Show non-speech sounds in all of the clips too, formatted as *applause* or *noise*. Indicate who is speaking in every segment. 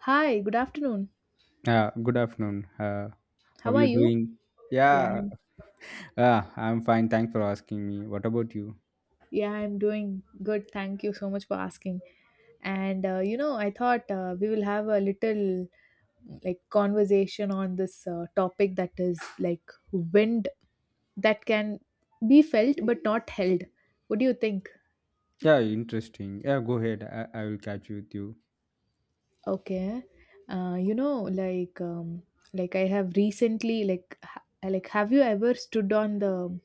Speaker 1: Hi, good afternoon.
Speaker 2: Good afternoon. How
Speaker 1: How
Speaker 2: are
Speaker 1: are
Speaker 2: you
Speaker 1: you?
Speaker 2: doing?
Speaker 1: Yeah,
Speaker 2: Yeah,
Speaker 1: I'm,
Speaker 2: uh, I'm fine. Thanks for asking me. What about you?
Speaker 1: yeah, I'm doing good. Thank you so much for asking. And you know, I thought we will have a little like conversation on this topic that is like wind that can be felt but not held. What do you think?
Speaker 2: Yeah, interesting. Yeah, go ahead. I will catch you with you.
Speaker 1: Okay. You know, like I have recently like ha- like have you ever stood on the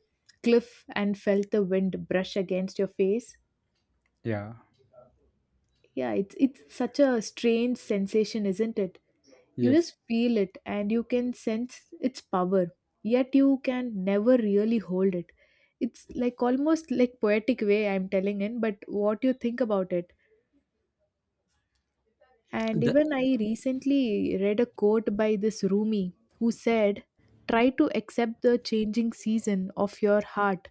Speaker 1: cliff and felt the wind brush against your face?
Speaker 2: Yeah,
Speaker 1: Yeah, it's such a strange sensation, isn't it? You
Speaker 2: yes.
Speaker 1: just feel it and you can sense its power, yet you can never really hold it. It's like almost like poetic way I'm telling in, but what you think about it. And
Speaker 2: The,
Speaker 1: even I recently read a quote by this Rumi who said, "Try to accept the changing season of your heart,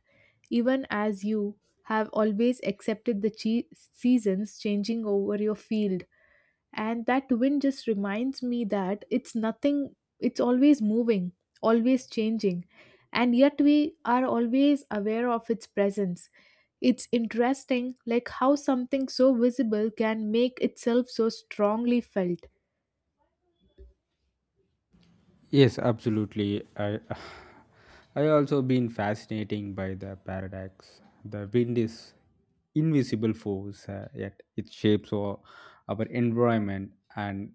Speaker 1: even as you have always accepted the seasons changing over your fields," and that wind just reminds me that it's nothing. It's always moving, always changing, and yet we are always aware of its presence. It's interesting like how something so visible can make itself so strongly felt.
Speaker 2: Yes, absolutely. I *sighs* I also been fascinating by the paradox. The wind is invisible force, yet it shapes our environment and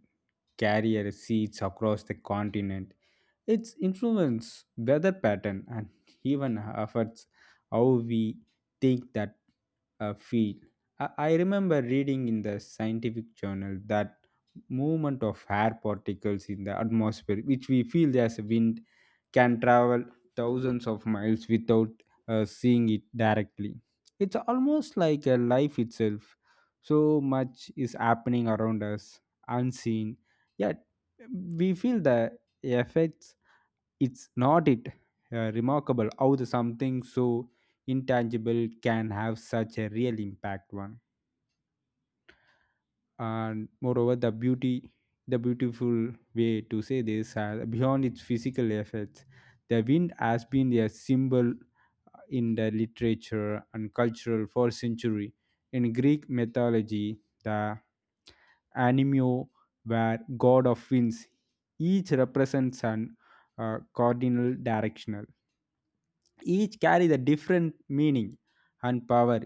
Speaker 2: carrier seeds across the continent. Its influence weather pattern and even affects how we think that feel. I remember reading in the scientific journal that movement of air particles in the atmosphere, which we feel as wind, can travel thousands of miles without seeing it directly. It's almost like a life itself. So much is happening around us, unseen. Yet we feel the effects. It's not it remarkable how the something so intangible can have such a real impact. One, and moreover the beauty, the beautiful way to say this has beyond its physical effects, the wind has been a symbol in the literature and cultural for century. In greek mythology, the animio were god of winds, each represents an cardinal directional, each carry the different meaning and power.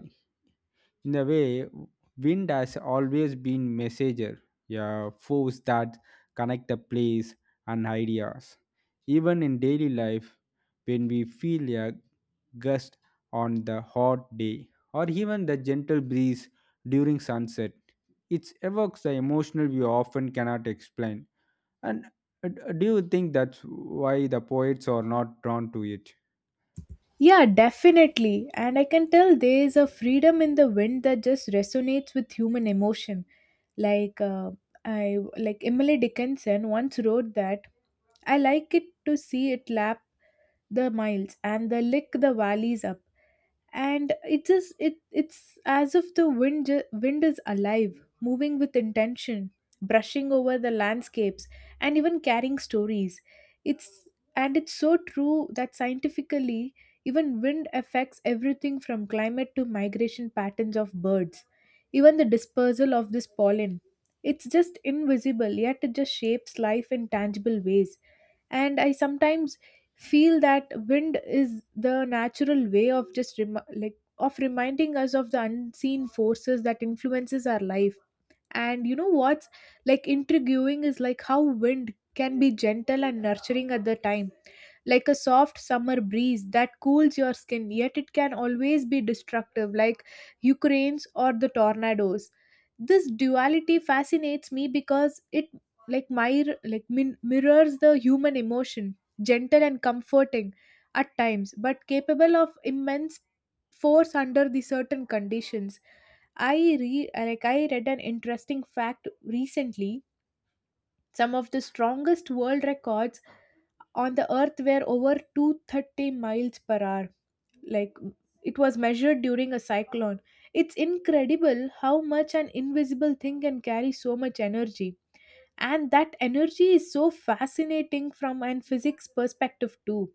Speaker 2: In a way, wind has always been messenger, yeah, force that connect the place and ideas. Even in daily life, when we feel a gust on the hot day or even the gentle breeze during sunset, it evokes the emotional we often cannot explain. And do you think that's why the poets are not drawn to it?
Speaker 1: Yeah, definitely. And I can tell there is a freedom in the wind that just resonates with human emotion. Like I like Emily Dickinson once wrote that I like it to see it lap the miles and the lick the valleys up, and it just it's as if the wind is alive, moving with intention, brushing over the landscapes, and even carrying stories. it's it's so true that scientifically even wind affects everything from climate to migration patterns of birds, even the dispersal of this pollen. It's just invisible yet it just shapes life in tangible ways. And I sometimes feel that wind is the natural way of just rem- like of reminding us of the unseen forces that influences our life. And you know what's like intriguing is like how wind can be gentle and nurturing at the time, like a soft summer breeze that cools your skin, yet it can always be destructive, like hurricanes or the tornadoes. This duality fascinates me because it mirrors the human emotion, gentle and comforting at times, but capable of immense force under the certain conditions. I like I read an interesting fact recently. Some of the strongest world records on the earth were over 230 miles per hour, like it was measured during a cyclone. It's incredible how much an invisible thing can carry so much energy. And that energy is so fascinating from an physics perspective too.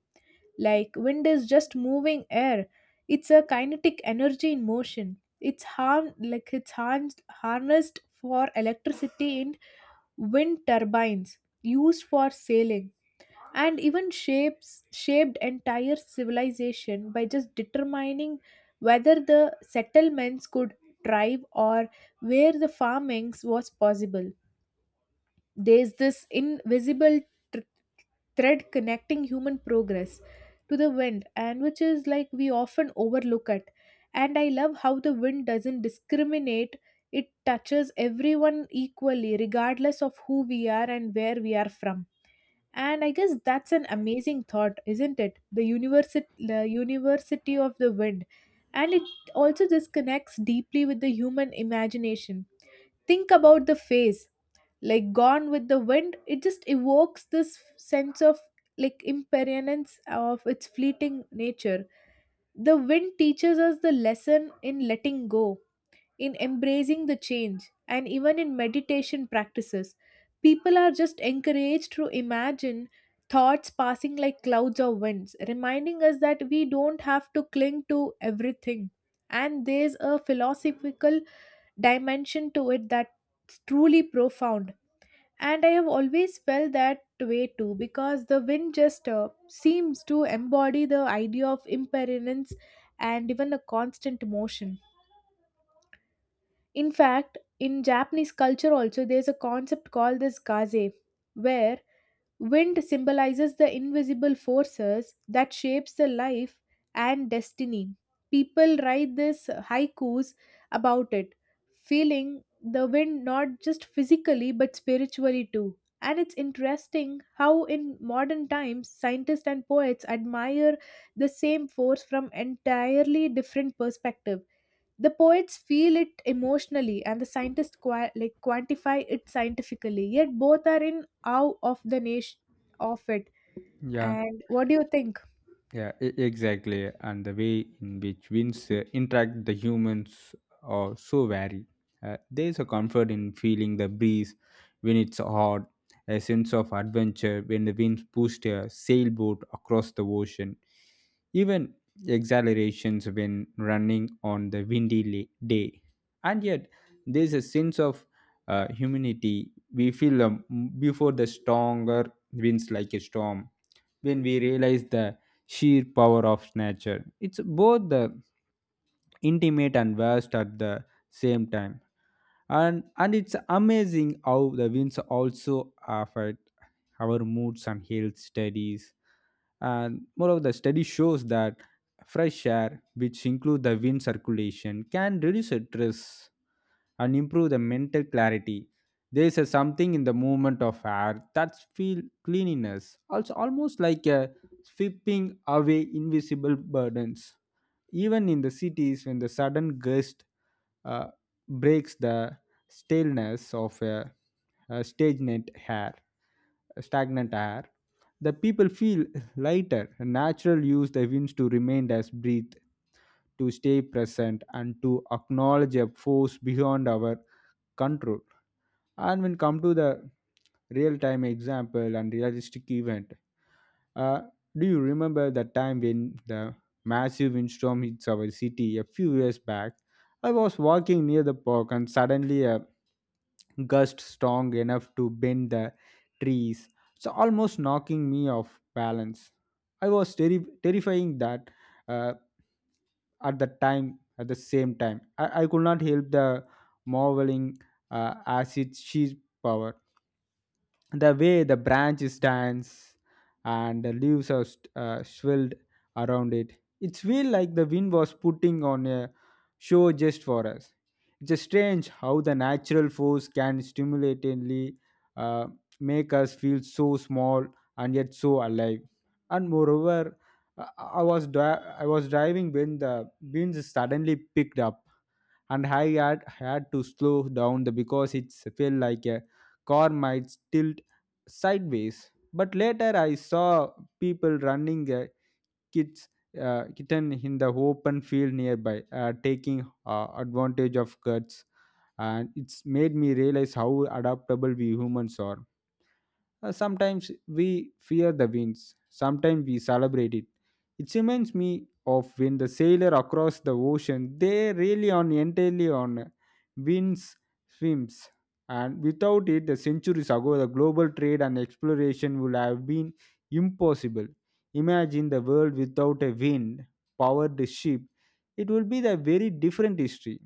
Speaker 1: Like wind is just moving air. It's a kinetic energy in motion. It's harm like It's harnessed for electricity in wind turbines, used for sailing, and even shapes shaped entire civilization by just determining whether the settlements could thrive or where the farming was possible. There's this invisible thr- thread connecting human progress to the wind, and which is like we often overlook it. And I love how the wind doesn't discriminate. It touches everyone equally regardless of who we are and where we are from. And I guess that's an amazing thought, isn't it? The university of the wind. And it also just connects deeply with the human imagination. Think about the face, like gone with the wind, it just evokes this sense of like impermanence of its fleeting nature. The wind teaches us the lesson in letting go, in embracing the change, and even in meditation practices. People are just encouraged to imagine thoughts passing like clouds or winds, reminding us that we don't have to cling to everything. And there's a philosophical dimension to it that's truly profound. And I have always felt that way too because the wind just seems to embody the idea of impermanence and even a constant motion. In fact, in Japanese culture also there's a concept called this kaze, where wind symbolizes the invisible forces that shapes the life and destiny. People write this haikus about it, feeling the wind not just physically but spiritually too. And it's interesting how in modern times scientists and poets admire the same force from entirely different perspectives. The poets feel it emotionally and the scientists quantify it scientifically, yet both are in awe of the nation of it.
Speaker 2: Yeah.
Speaker 1: And what do you think?
Speaker 2: Exactly. And the way in which winds interact the humans are so vary. There's a comfort in feeling the breeze when it's hot, a sense of adventure when the winds pushed a sailboat across the ocean, even exhilarations when running on the windy day. And yet, there's a sense of humanity we feel before the stronger winds like a storm when we realize the sheer power of nature. It's both the intimate and vast at the same time. And it's amazing how the winds also affect our moods and health studies. And moreover, the study shows that fresh air, which include the wind circulation, can reduce stress and improve the mental clarity. There is a something in the movement of air that feel cleanliness. Also, almost like a sweeping away invisible burdens. Even in the cities, when the sudden gust uh, breaks the staleness of a stagnant air, stagnant air, the people feel lighter. Natural use the winds to remain as breathe, to stay present, and to acknowledge a force beyond our control. And when come to the real-time example and realistic event, uh, do you remember that time when the massive windstorm hits our city a few years back? I was walking near the park and suddenly a gust strong enough to bend the trees, so almost knocking me off balance. I was terrifying that uh, at the same time, I could not help the marveling at its sheer power, the way the branch stands and the leaves are swirled around it. It feels like the wind was putting on a show just for us. It's just strange how the natural force can stimulatingly uh, make us feel so small and yet so alive. And moreover, i I was driving when the beans suddenly picked up, and I had to slow down the because it felt like a car might tilt sideways. But later I saw people running a kids kitten in the open field nearby, taking advantage of cuts, and it's made me realize how adaptable we humans are. Sometimes we fear the winds, sometimes we celebrate it. It reminds me of when the sailor across the ocean, they really on entirely on winds swims. And without it, the centuries ago, the global trade and exploration would have been impossible. Imagine the world without a wind powered ship. It will be the very different history.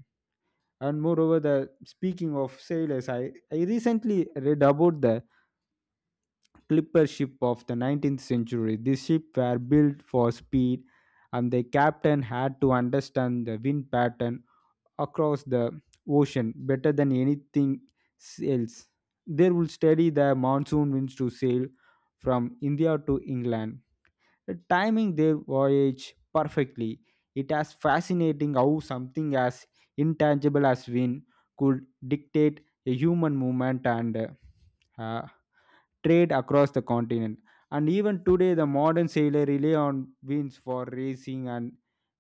Speaker 2: And moreover, the speaking of sailors, I recently read about the clipper ship of the 19th century. These ships were built for speed, and the captain had to understand the wind pattern across the ocean better than anything else. They would study the monsoon winds to sail from India to England, timing their voyage perfectly. It is fascinating how something as intangible as wind could dictate a human movement and uh, trade across the continent. And even today, the modern sailor rely on winds for racing and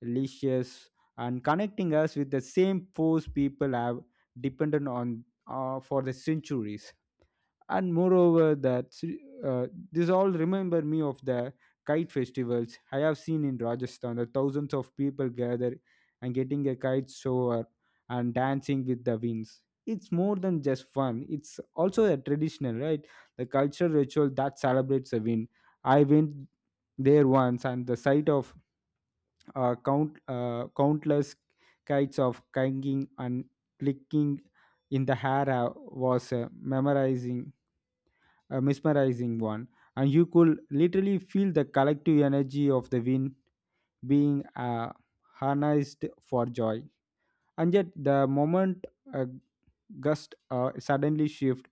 Speaker 2: leashes, and connecting us with the same force people have depended on for the centuries. And moreover, that this all remember me of the kite festivals I have seen in rajasthan. The thousands of people gather and getting a kite shower and dancing with the winds. It's more than just fun, it's also a traditional right, the cultural ritual that celebrates the wind. I went there once, and the sight of countless kites of kanging and clicking in the hair was memorizing a mesmerizing one, and you could literally feel the collective energy of the wind being harnessed for joy. And yet, the moment a gust suddenly shift,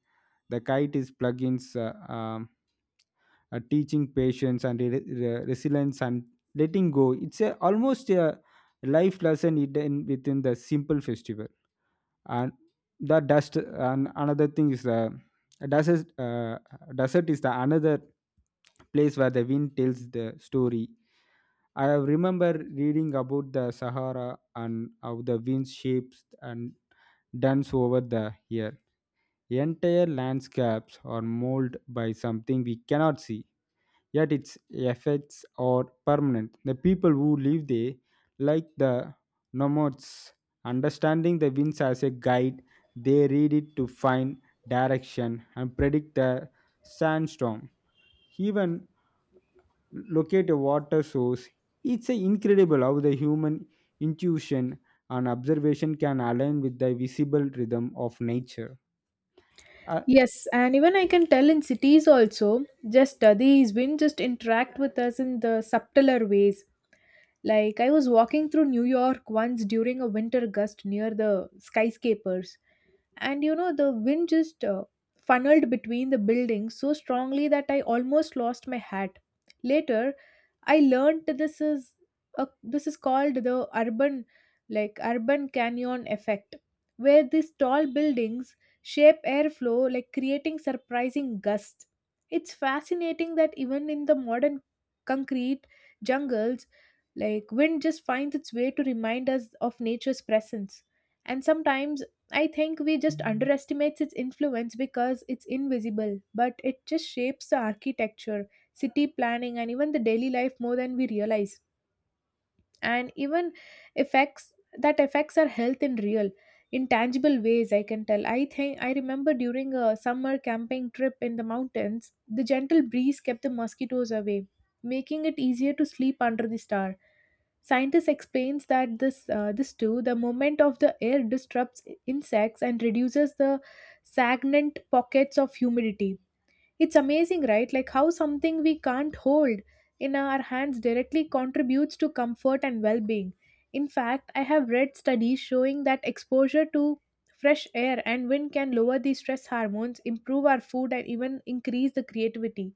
Speaker 2: the kite is plugins teaching patience and resilience and letting go. It's a, almost a life lesson hidden within the simple festival. And the dust and another thing is the desert. Desert is the another place where the wind tells the story. I have remember reading about the sahara and how the wind shapes and dance over the here. Entire landscapes are molded by something we cannot see, yet its effects are permanent. The people who live there, like the nomads, understanding the winds as a guide, they read it to find direction and predict the sandstorm. Even locate a water source. It's incredible how the human intuition and observation can align with the visible rhythm of nature. Uh,
Speaker 1: Yes, and even I can tell in cities also, just these wind just interact with us in the subtler ways. Like I was walking through New York once during a winter gust near the skyscrapers, and you know the wind just funneled between the buildings so strongly that I almost lost my hat. Later, I learned that this is this is called the urban canyon effect, where these tall buildings shape airflow like creating surprising gusts. It's fascinating that even in the modern concrete jungles, like wind just finds its way to remind us of nature's presence. And sometimes I think we just underestimates its influence because it's invisible, but it just shapes the architecture, city planning, and even the daily life more than we realize. And even effects that affects our health in real intangible ways, I can tell. I think I remember during a summer camping trip in the mountains, the gentle breeze kept the mosquitoes away, making it easier to sleep under the star. Scientists explains that this too the movement of the air disrupts insects and reduces the stagnant pockets of humidity. It's amazing, right? Like how something we can't hold in our hands directly contributes to comfort and well being. In fact, I have read studies showing that exposure to fresh air and wind can lower the stress hormones, improve our food, and even increase the creativity.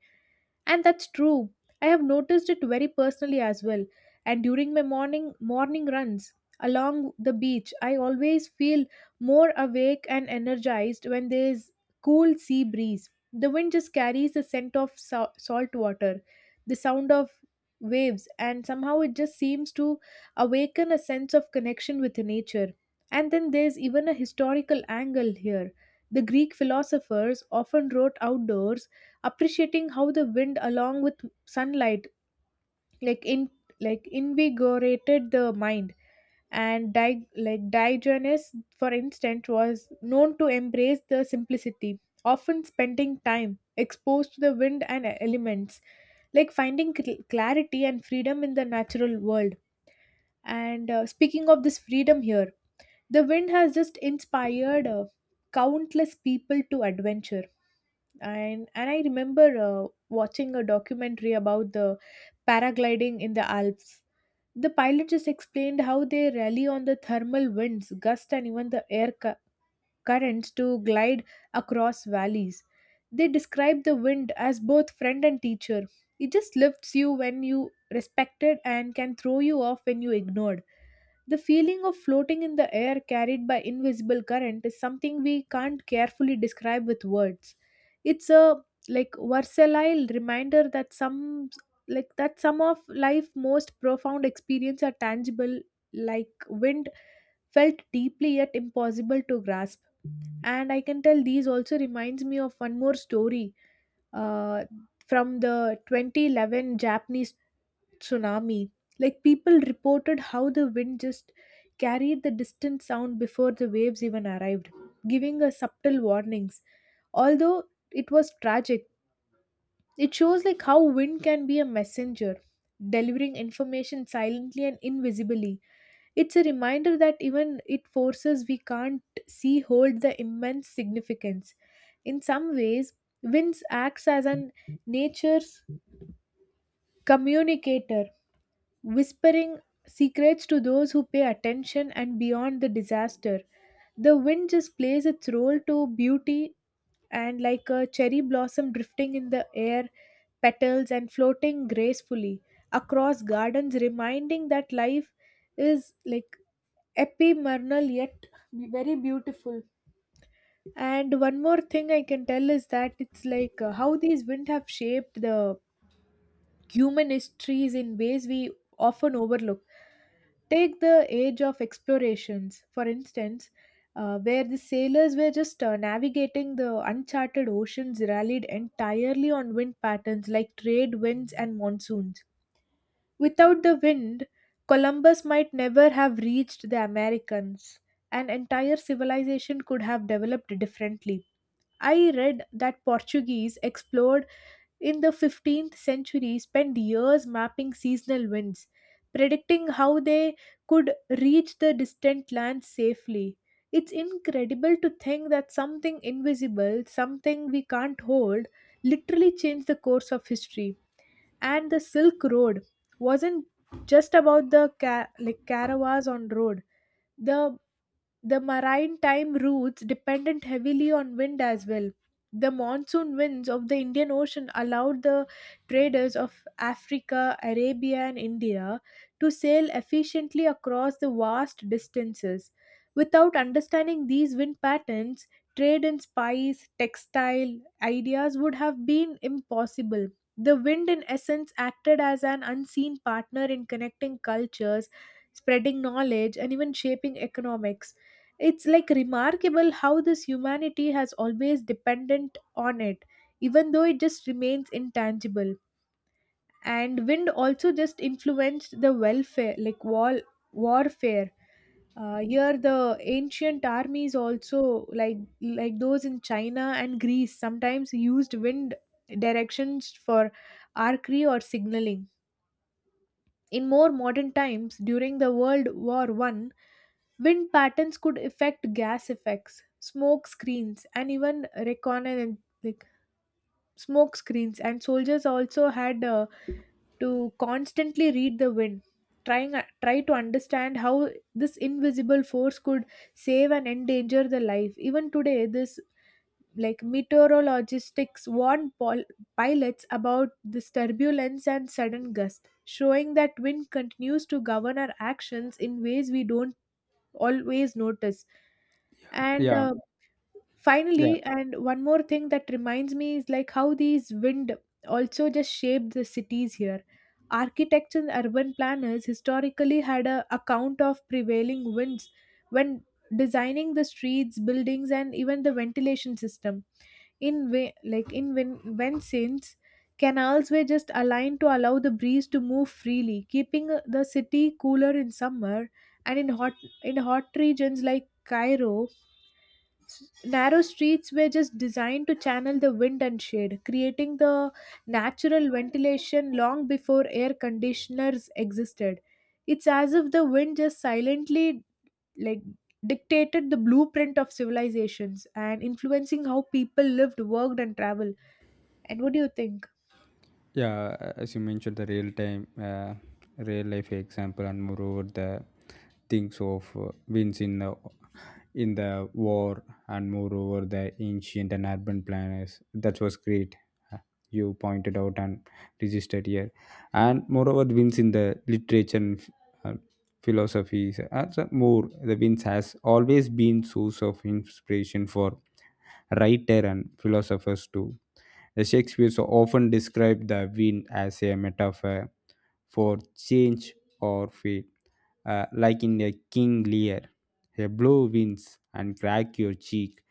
Speaker 1: And that's true. I have noticed it very personally as well. And during my morning runs along the beach, I always feel more awake and energized when there's cool sea breeze. The wind just carries the scent of salt water, the sound of waves, and somehow it just seems to awaken a sense of connection with nature. And then there's even a historical angle here. The Greek philosophers often wrote outdoors, appreciating how the wind along with sunlight like in like invigorated the mind. And Diogenes, for instance, was known to embrace the simplicity, often spending time exposed to the wind and elements, like finding clarity and freedom in the natural world. And speaking of this freedom here, the wind has just inspired countless people to adventure. And I remember watching a documentary about the paragliding in the Alps. The pilot just explained how they rely on the thermal winds, gust, and even the currents to glide across valleys. They describe the wind as both friend and teacher. It just lifts you when you respect it and can throw you off when you ignore it. The feeling of floating in the air carried by invisible current is something we can't carefully describe with words. It's a like versatile reminder that some like that some of life most profound experience are tangible, like wind, felt deeply yet impossible to grasp. And I can tell these also reminds me of one more story, uh, from the 2011 Japanese tsunami. Like people reported how the wind just carried the distant sound before the waves even arrived, giving us subtle warnings. Although it was tragic, it shows like how wind can be a messenger, delivering information silently and invisibly. It's a reminder that even it forces we can't see hold the immense significance. In some ways, winds acts as an nature's communicator, whispering secrets to those who pay attention. And beyond the disaster, the wind just plays its role to beauty, and like a cherry blossom drifting in the air, petals and floating gracefully across gardens, reminding that life is like ephemeral yet very beautiful. And one more thing I can tell is that it's like how these wind have shaped the human histories in ways we often overlook. Take the age of explorations, for instance, where the sailors were just navigating the uncharted oceans rallied entirely on wind patterns like trade winds and monsoons. Without the wind, Columbus might never have reached the Americans. An entire civilization could have developed differently. I read that Portuguese explored in the 15th century spent years mapping seasonal winds, predicting how they could reach the distant lands safely. It's incredible to think that something invisible, something we can't hold, literally changed the course of history. And the Silk Road wasn't just about the caravans on road. The the maritime routes depended heavily on wind as well. The monsoon winds of the Indian Ocean allowed the traders of Africa, Arabia, and India to sail efficiently across the vast distances. Without understanding these wind patterns, trade in spice, textile ideas would have been impossible. The wind, in essence, acted as an unseen partner in connecting cultures, spreading knowledge, and even shaping economics. It's like remarkable how this humanity has always dependent on it, even though it just remains intangible. And wind also just influenced the welfare, like wall warfare. Here, the ancient armies also, like those in China and Greece, sometimes used wind directions for archery or signaling. In more modern times, during the World War One, wind patterns could affect gas effects, smoke screens, and even reconnaissance like smoke screens. And soldiers also had to constantly read the wind, trying try to understand how this invisible force could save and endanger the life. Even today, this like meteorologists warned pilots about this turbulence and sudden gust, showing that wind continues to govern our actions in ways we don't always notice. And
Speaker 2: yeah.
Speaker 1: finally, and one more thing that reminds me is like how these wind also just shaped the cities here. Architects and urban planners historically had a account of prevailing winds when designing the streets, buildings, and even the ventilation system. In way, like in Vincennes, canals were just aligned to allow the breeze to move freely, keeping the city cooler in summer. And in hot regions like Cairo, narrow streets were just designed to channel the wind and shade, creating the natural ventilation long before air conditioners existed. It's as if the wind just silently like dictated the blueprint of civilizations and influencing how people lived, worked, and traveled. And what do you think?
Speaker 2: Yeah, as you mentioned, the real time, uh, real life example, and moreover the things of wins in the war, and moreover the ancient and urban planners. That was great. uh, You pointed out and registered here, and moreover the wins in the literature and uh, philosophies. And so more, the wins has always been source of inspiration for writer and philosophers too. The Shakespeare so often described the wind as a metaphor for change or fate, like in a King Lear. A blow winds and crack your cheek,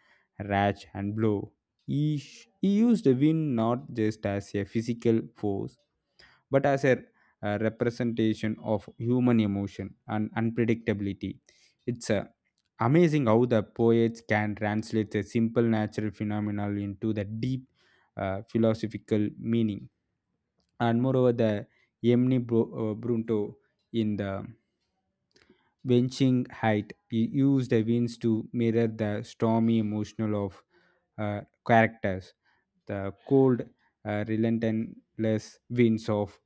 Speaker 2: rash and blow. He used the wind not just as a physical force, but as a representation of human emotion and unpredictability. It's amazing how the poets can translate a simple natural phenomenon into the deep philosophical meaning. And moreover, the Brunto in the benching height. He used the winds to mirror the stormy emotional of uh, characters. The cold, relentless winds of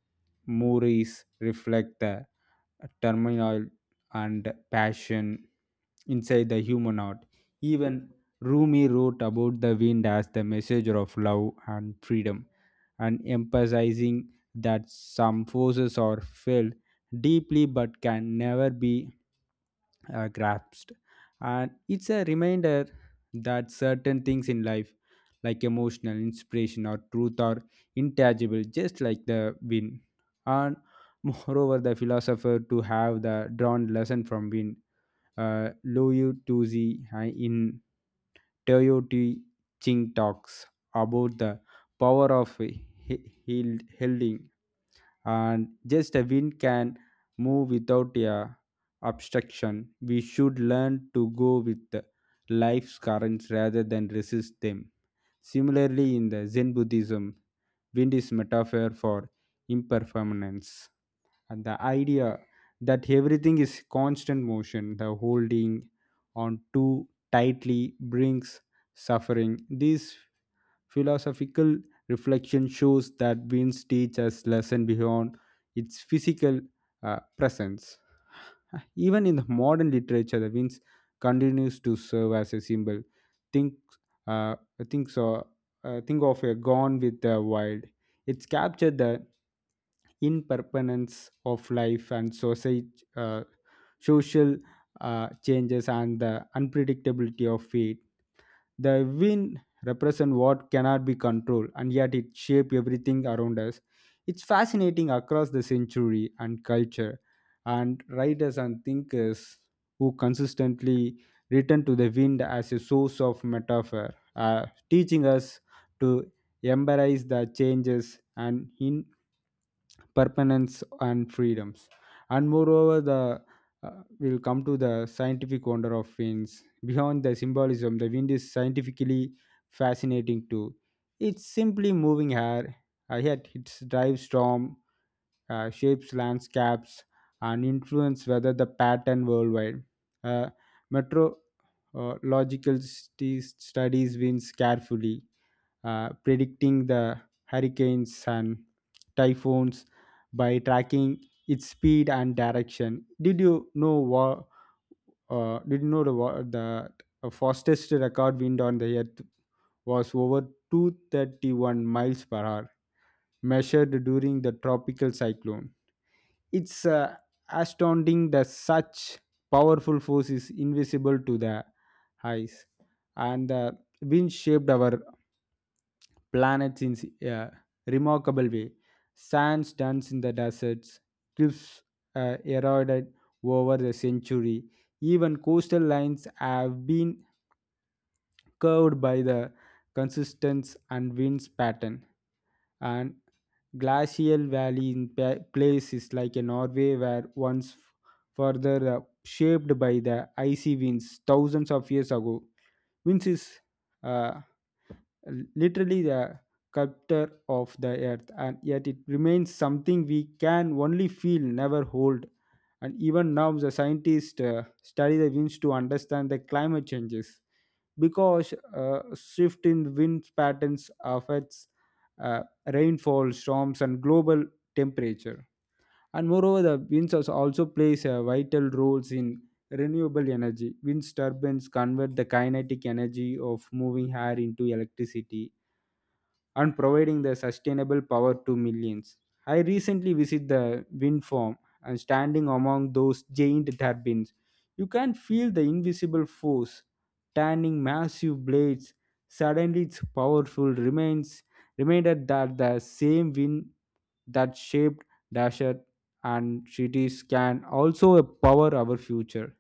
Speaker 2: Moore's reflect the turmoil and passion inside the human heart. Even Rumi wrote about the wind as the messenger of love and freedom, and emphasizing that some forces are felt deeply but can never be grasped. And it's a reminder that certain things in life, like emotional inspiration or truth, are intangible, just like the wind. And *laughs* moreover, the philosopher to have the drawn lesson from wind, Liu Tuzi in Toyota Ching talks about the power of helding and just a wind can move without a obstruction. We should learn to go with the life's currents rather than resist them. Similarly, in the Zen Buddhism, wind is metaphor for impermanence and the idea that everything is constant motion, the holding on too tightly brings suffering. These philosophical reflection shows that winds teach us lesson beyond its physical presence. Even in the modern literature, the winds continues to serve as a symbol. Think, uh, think so. Think of a gone with the wild. It's captured the impermanence of life and society, uh, social changes and the unpredictability of fate. The wind represents what cannot be controlled, and yet it shapes everything around us. It's fascinating across the century and culture, and writers and thinkers who consistently return to the wind as a source of metaphor, teaching us to embrace the changes and in permanence and freedoms. And moreover, the will come to the scientific wonder of winds. Beyond the symbolism, the wind is scientifically fascinating too. It's simply moving air, yet it drives storm, shapes landscapes and influence whether the pattern worldwide. uh, Metro uh, studies winds carefully, predicting the hurricanes and typhoons by tracking its speed and direction. Did you know what? Did you know the fastest record wind on the earth was over 231 miles per hour, measured during the tropical cyclone. It's astounding that such powerful force is invisible to the eyes, and the wind shaped our planets in a remarkable way. Sands dunes in the deserts, cliffs eroded over the century. Even coastal lines have been curved by the consistence and winds pattern. And glacial valley in place like a Norway where further shaped by the icy winds thousands of years ago. Winds is uh, literally the captor of the earth, and yet it remains something we can only feel, never hold. And even now the scientists study the winds to understand the climate changes, because shift in wind patterns affects uh, rainfall, storms, and global temperature. And moreover, the winds also plays vital roles in renewable energy. Wind turbines convert the kinetic energy of moving air into electricity and providing the sustainable power to millions. I recently visited the wind farm, and standing among those giant turbines, you can feel the invisible force turning massive blades. Suddenly, its powerful remains reminded that the same wind that shaped Dasher and cities can also power our future.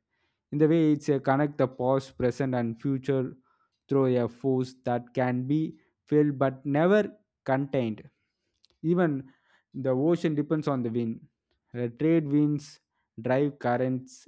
Speaker 2: In the way, it's a connect the past, present, and future through a force that can be filled but never contained. Even the ocean depends on the wind. Trade winds drive currents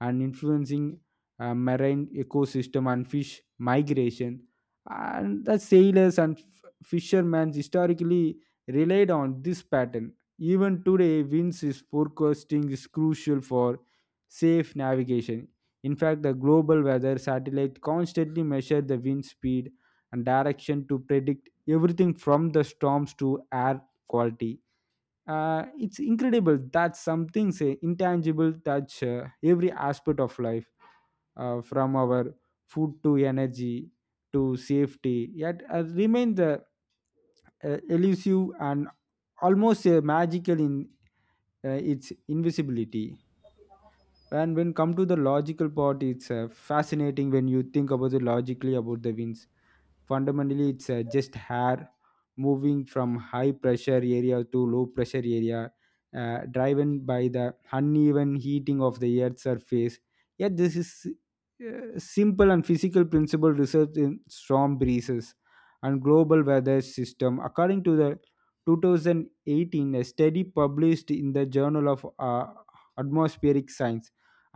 Speaker 2: and influencing marine ecosystem and fish migration. And the sailors and fishermen historically relied on this pattern. Even today, winds is forecasting is crucial for safe navigation. In fact, the global weather satellite constantly measures the wind speed and direction to predict everything from the storms to air quality. It's incredible that something say intangible touch every aspect of life, from our food to energy to safety, yet remain the elusive and almost magical in its invisibility. And when come to the logical part, it's fascinating. When you think about it logically about the winds, fundamentally it's just hair moving from high pressure area to low pressure area, driven by the uneven heating of the earth's surface. Yet this is simple and physical principle research in storm breezes and global weather system. According to the 2018 a study published in the journal of atmospheric science,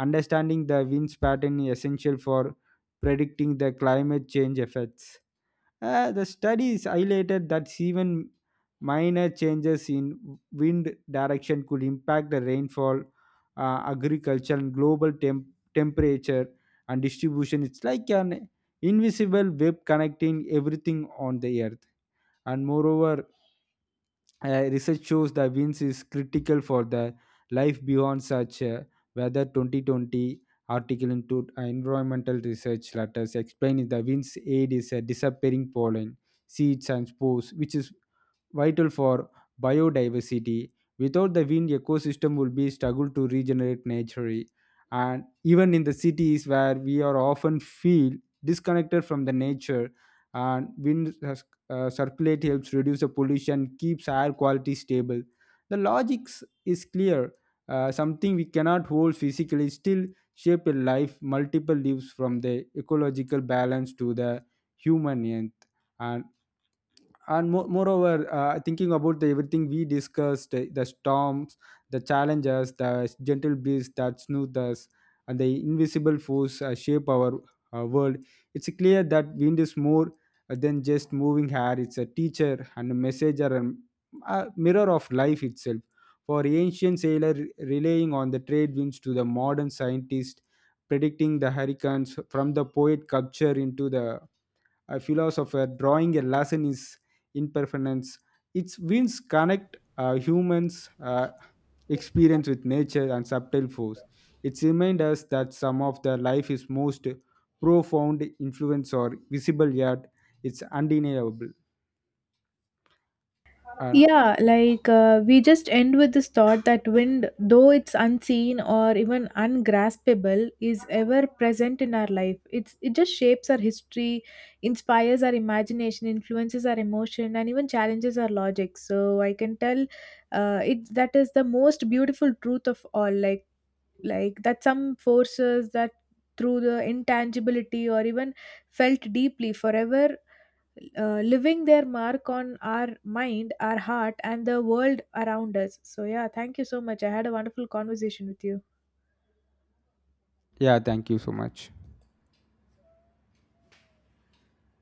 Speaker 2: understanding the winds pattern is essential for predicting the climate change effects. The studies highlighted that even minor changes in wind direction could impact the rainfall, agriculture, and global temperature and distribution. It's like an invisible web connecting everything on the earth. And moreover, research shows the winds is critical for the life beyond such weather. 2020 article into environmental research letters explaining the winds aid is a disappearing pollen, seeds, and spores, which is vital for biodiversity. Without the wind, ecosystem will be struggle to regenerate naturally. And even in the cities where we are often feel disconnected from the nature, and circulate helps reduce the pollution, keeps air quality stable. The logic is clear. Something we cannot hold physically still shape a life multiple lives, from the ecological balance to the human end. And moreover, thinking about the everything we discussed, the storms, the challenges, the gentle breeze that soothes us, and the invisible force shape our world, it's clear that wind is more than just moving hair. It's a teacher and a messenger and a mirror of life itself. For ancient sailor relying on the trade winds to the modern scientist predicting the hurricanes, from the poet culture into the a philosopher drawing a lesson is impermanence. Its winds connect humans' experience with nature and subtle force. It reminds us that some of the life is most profound influence or visible, yet it's undeniable. And
Speaker 1: Yeah, like we just end with this thought that wind, though it's unseen or even ungraspable, is ever present in our life. It just shapes our history, inspires our imagination, influences our emotion, and even challenges our logic. So I can tell, it that is the most beautiful truth of all. That some forces that through the intangibility or even felt deeply forever, living their mark on our mind, our heart, and the world around us. So, yeah, thank you so much. I had a wonderful conversation with you.
Speaker 2: yeah, thank you so much.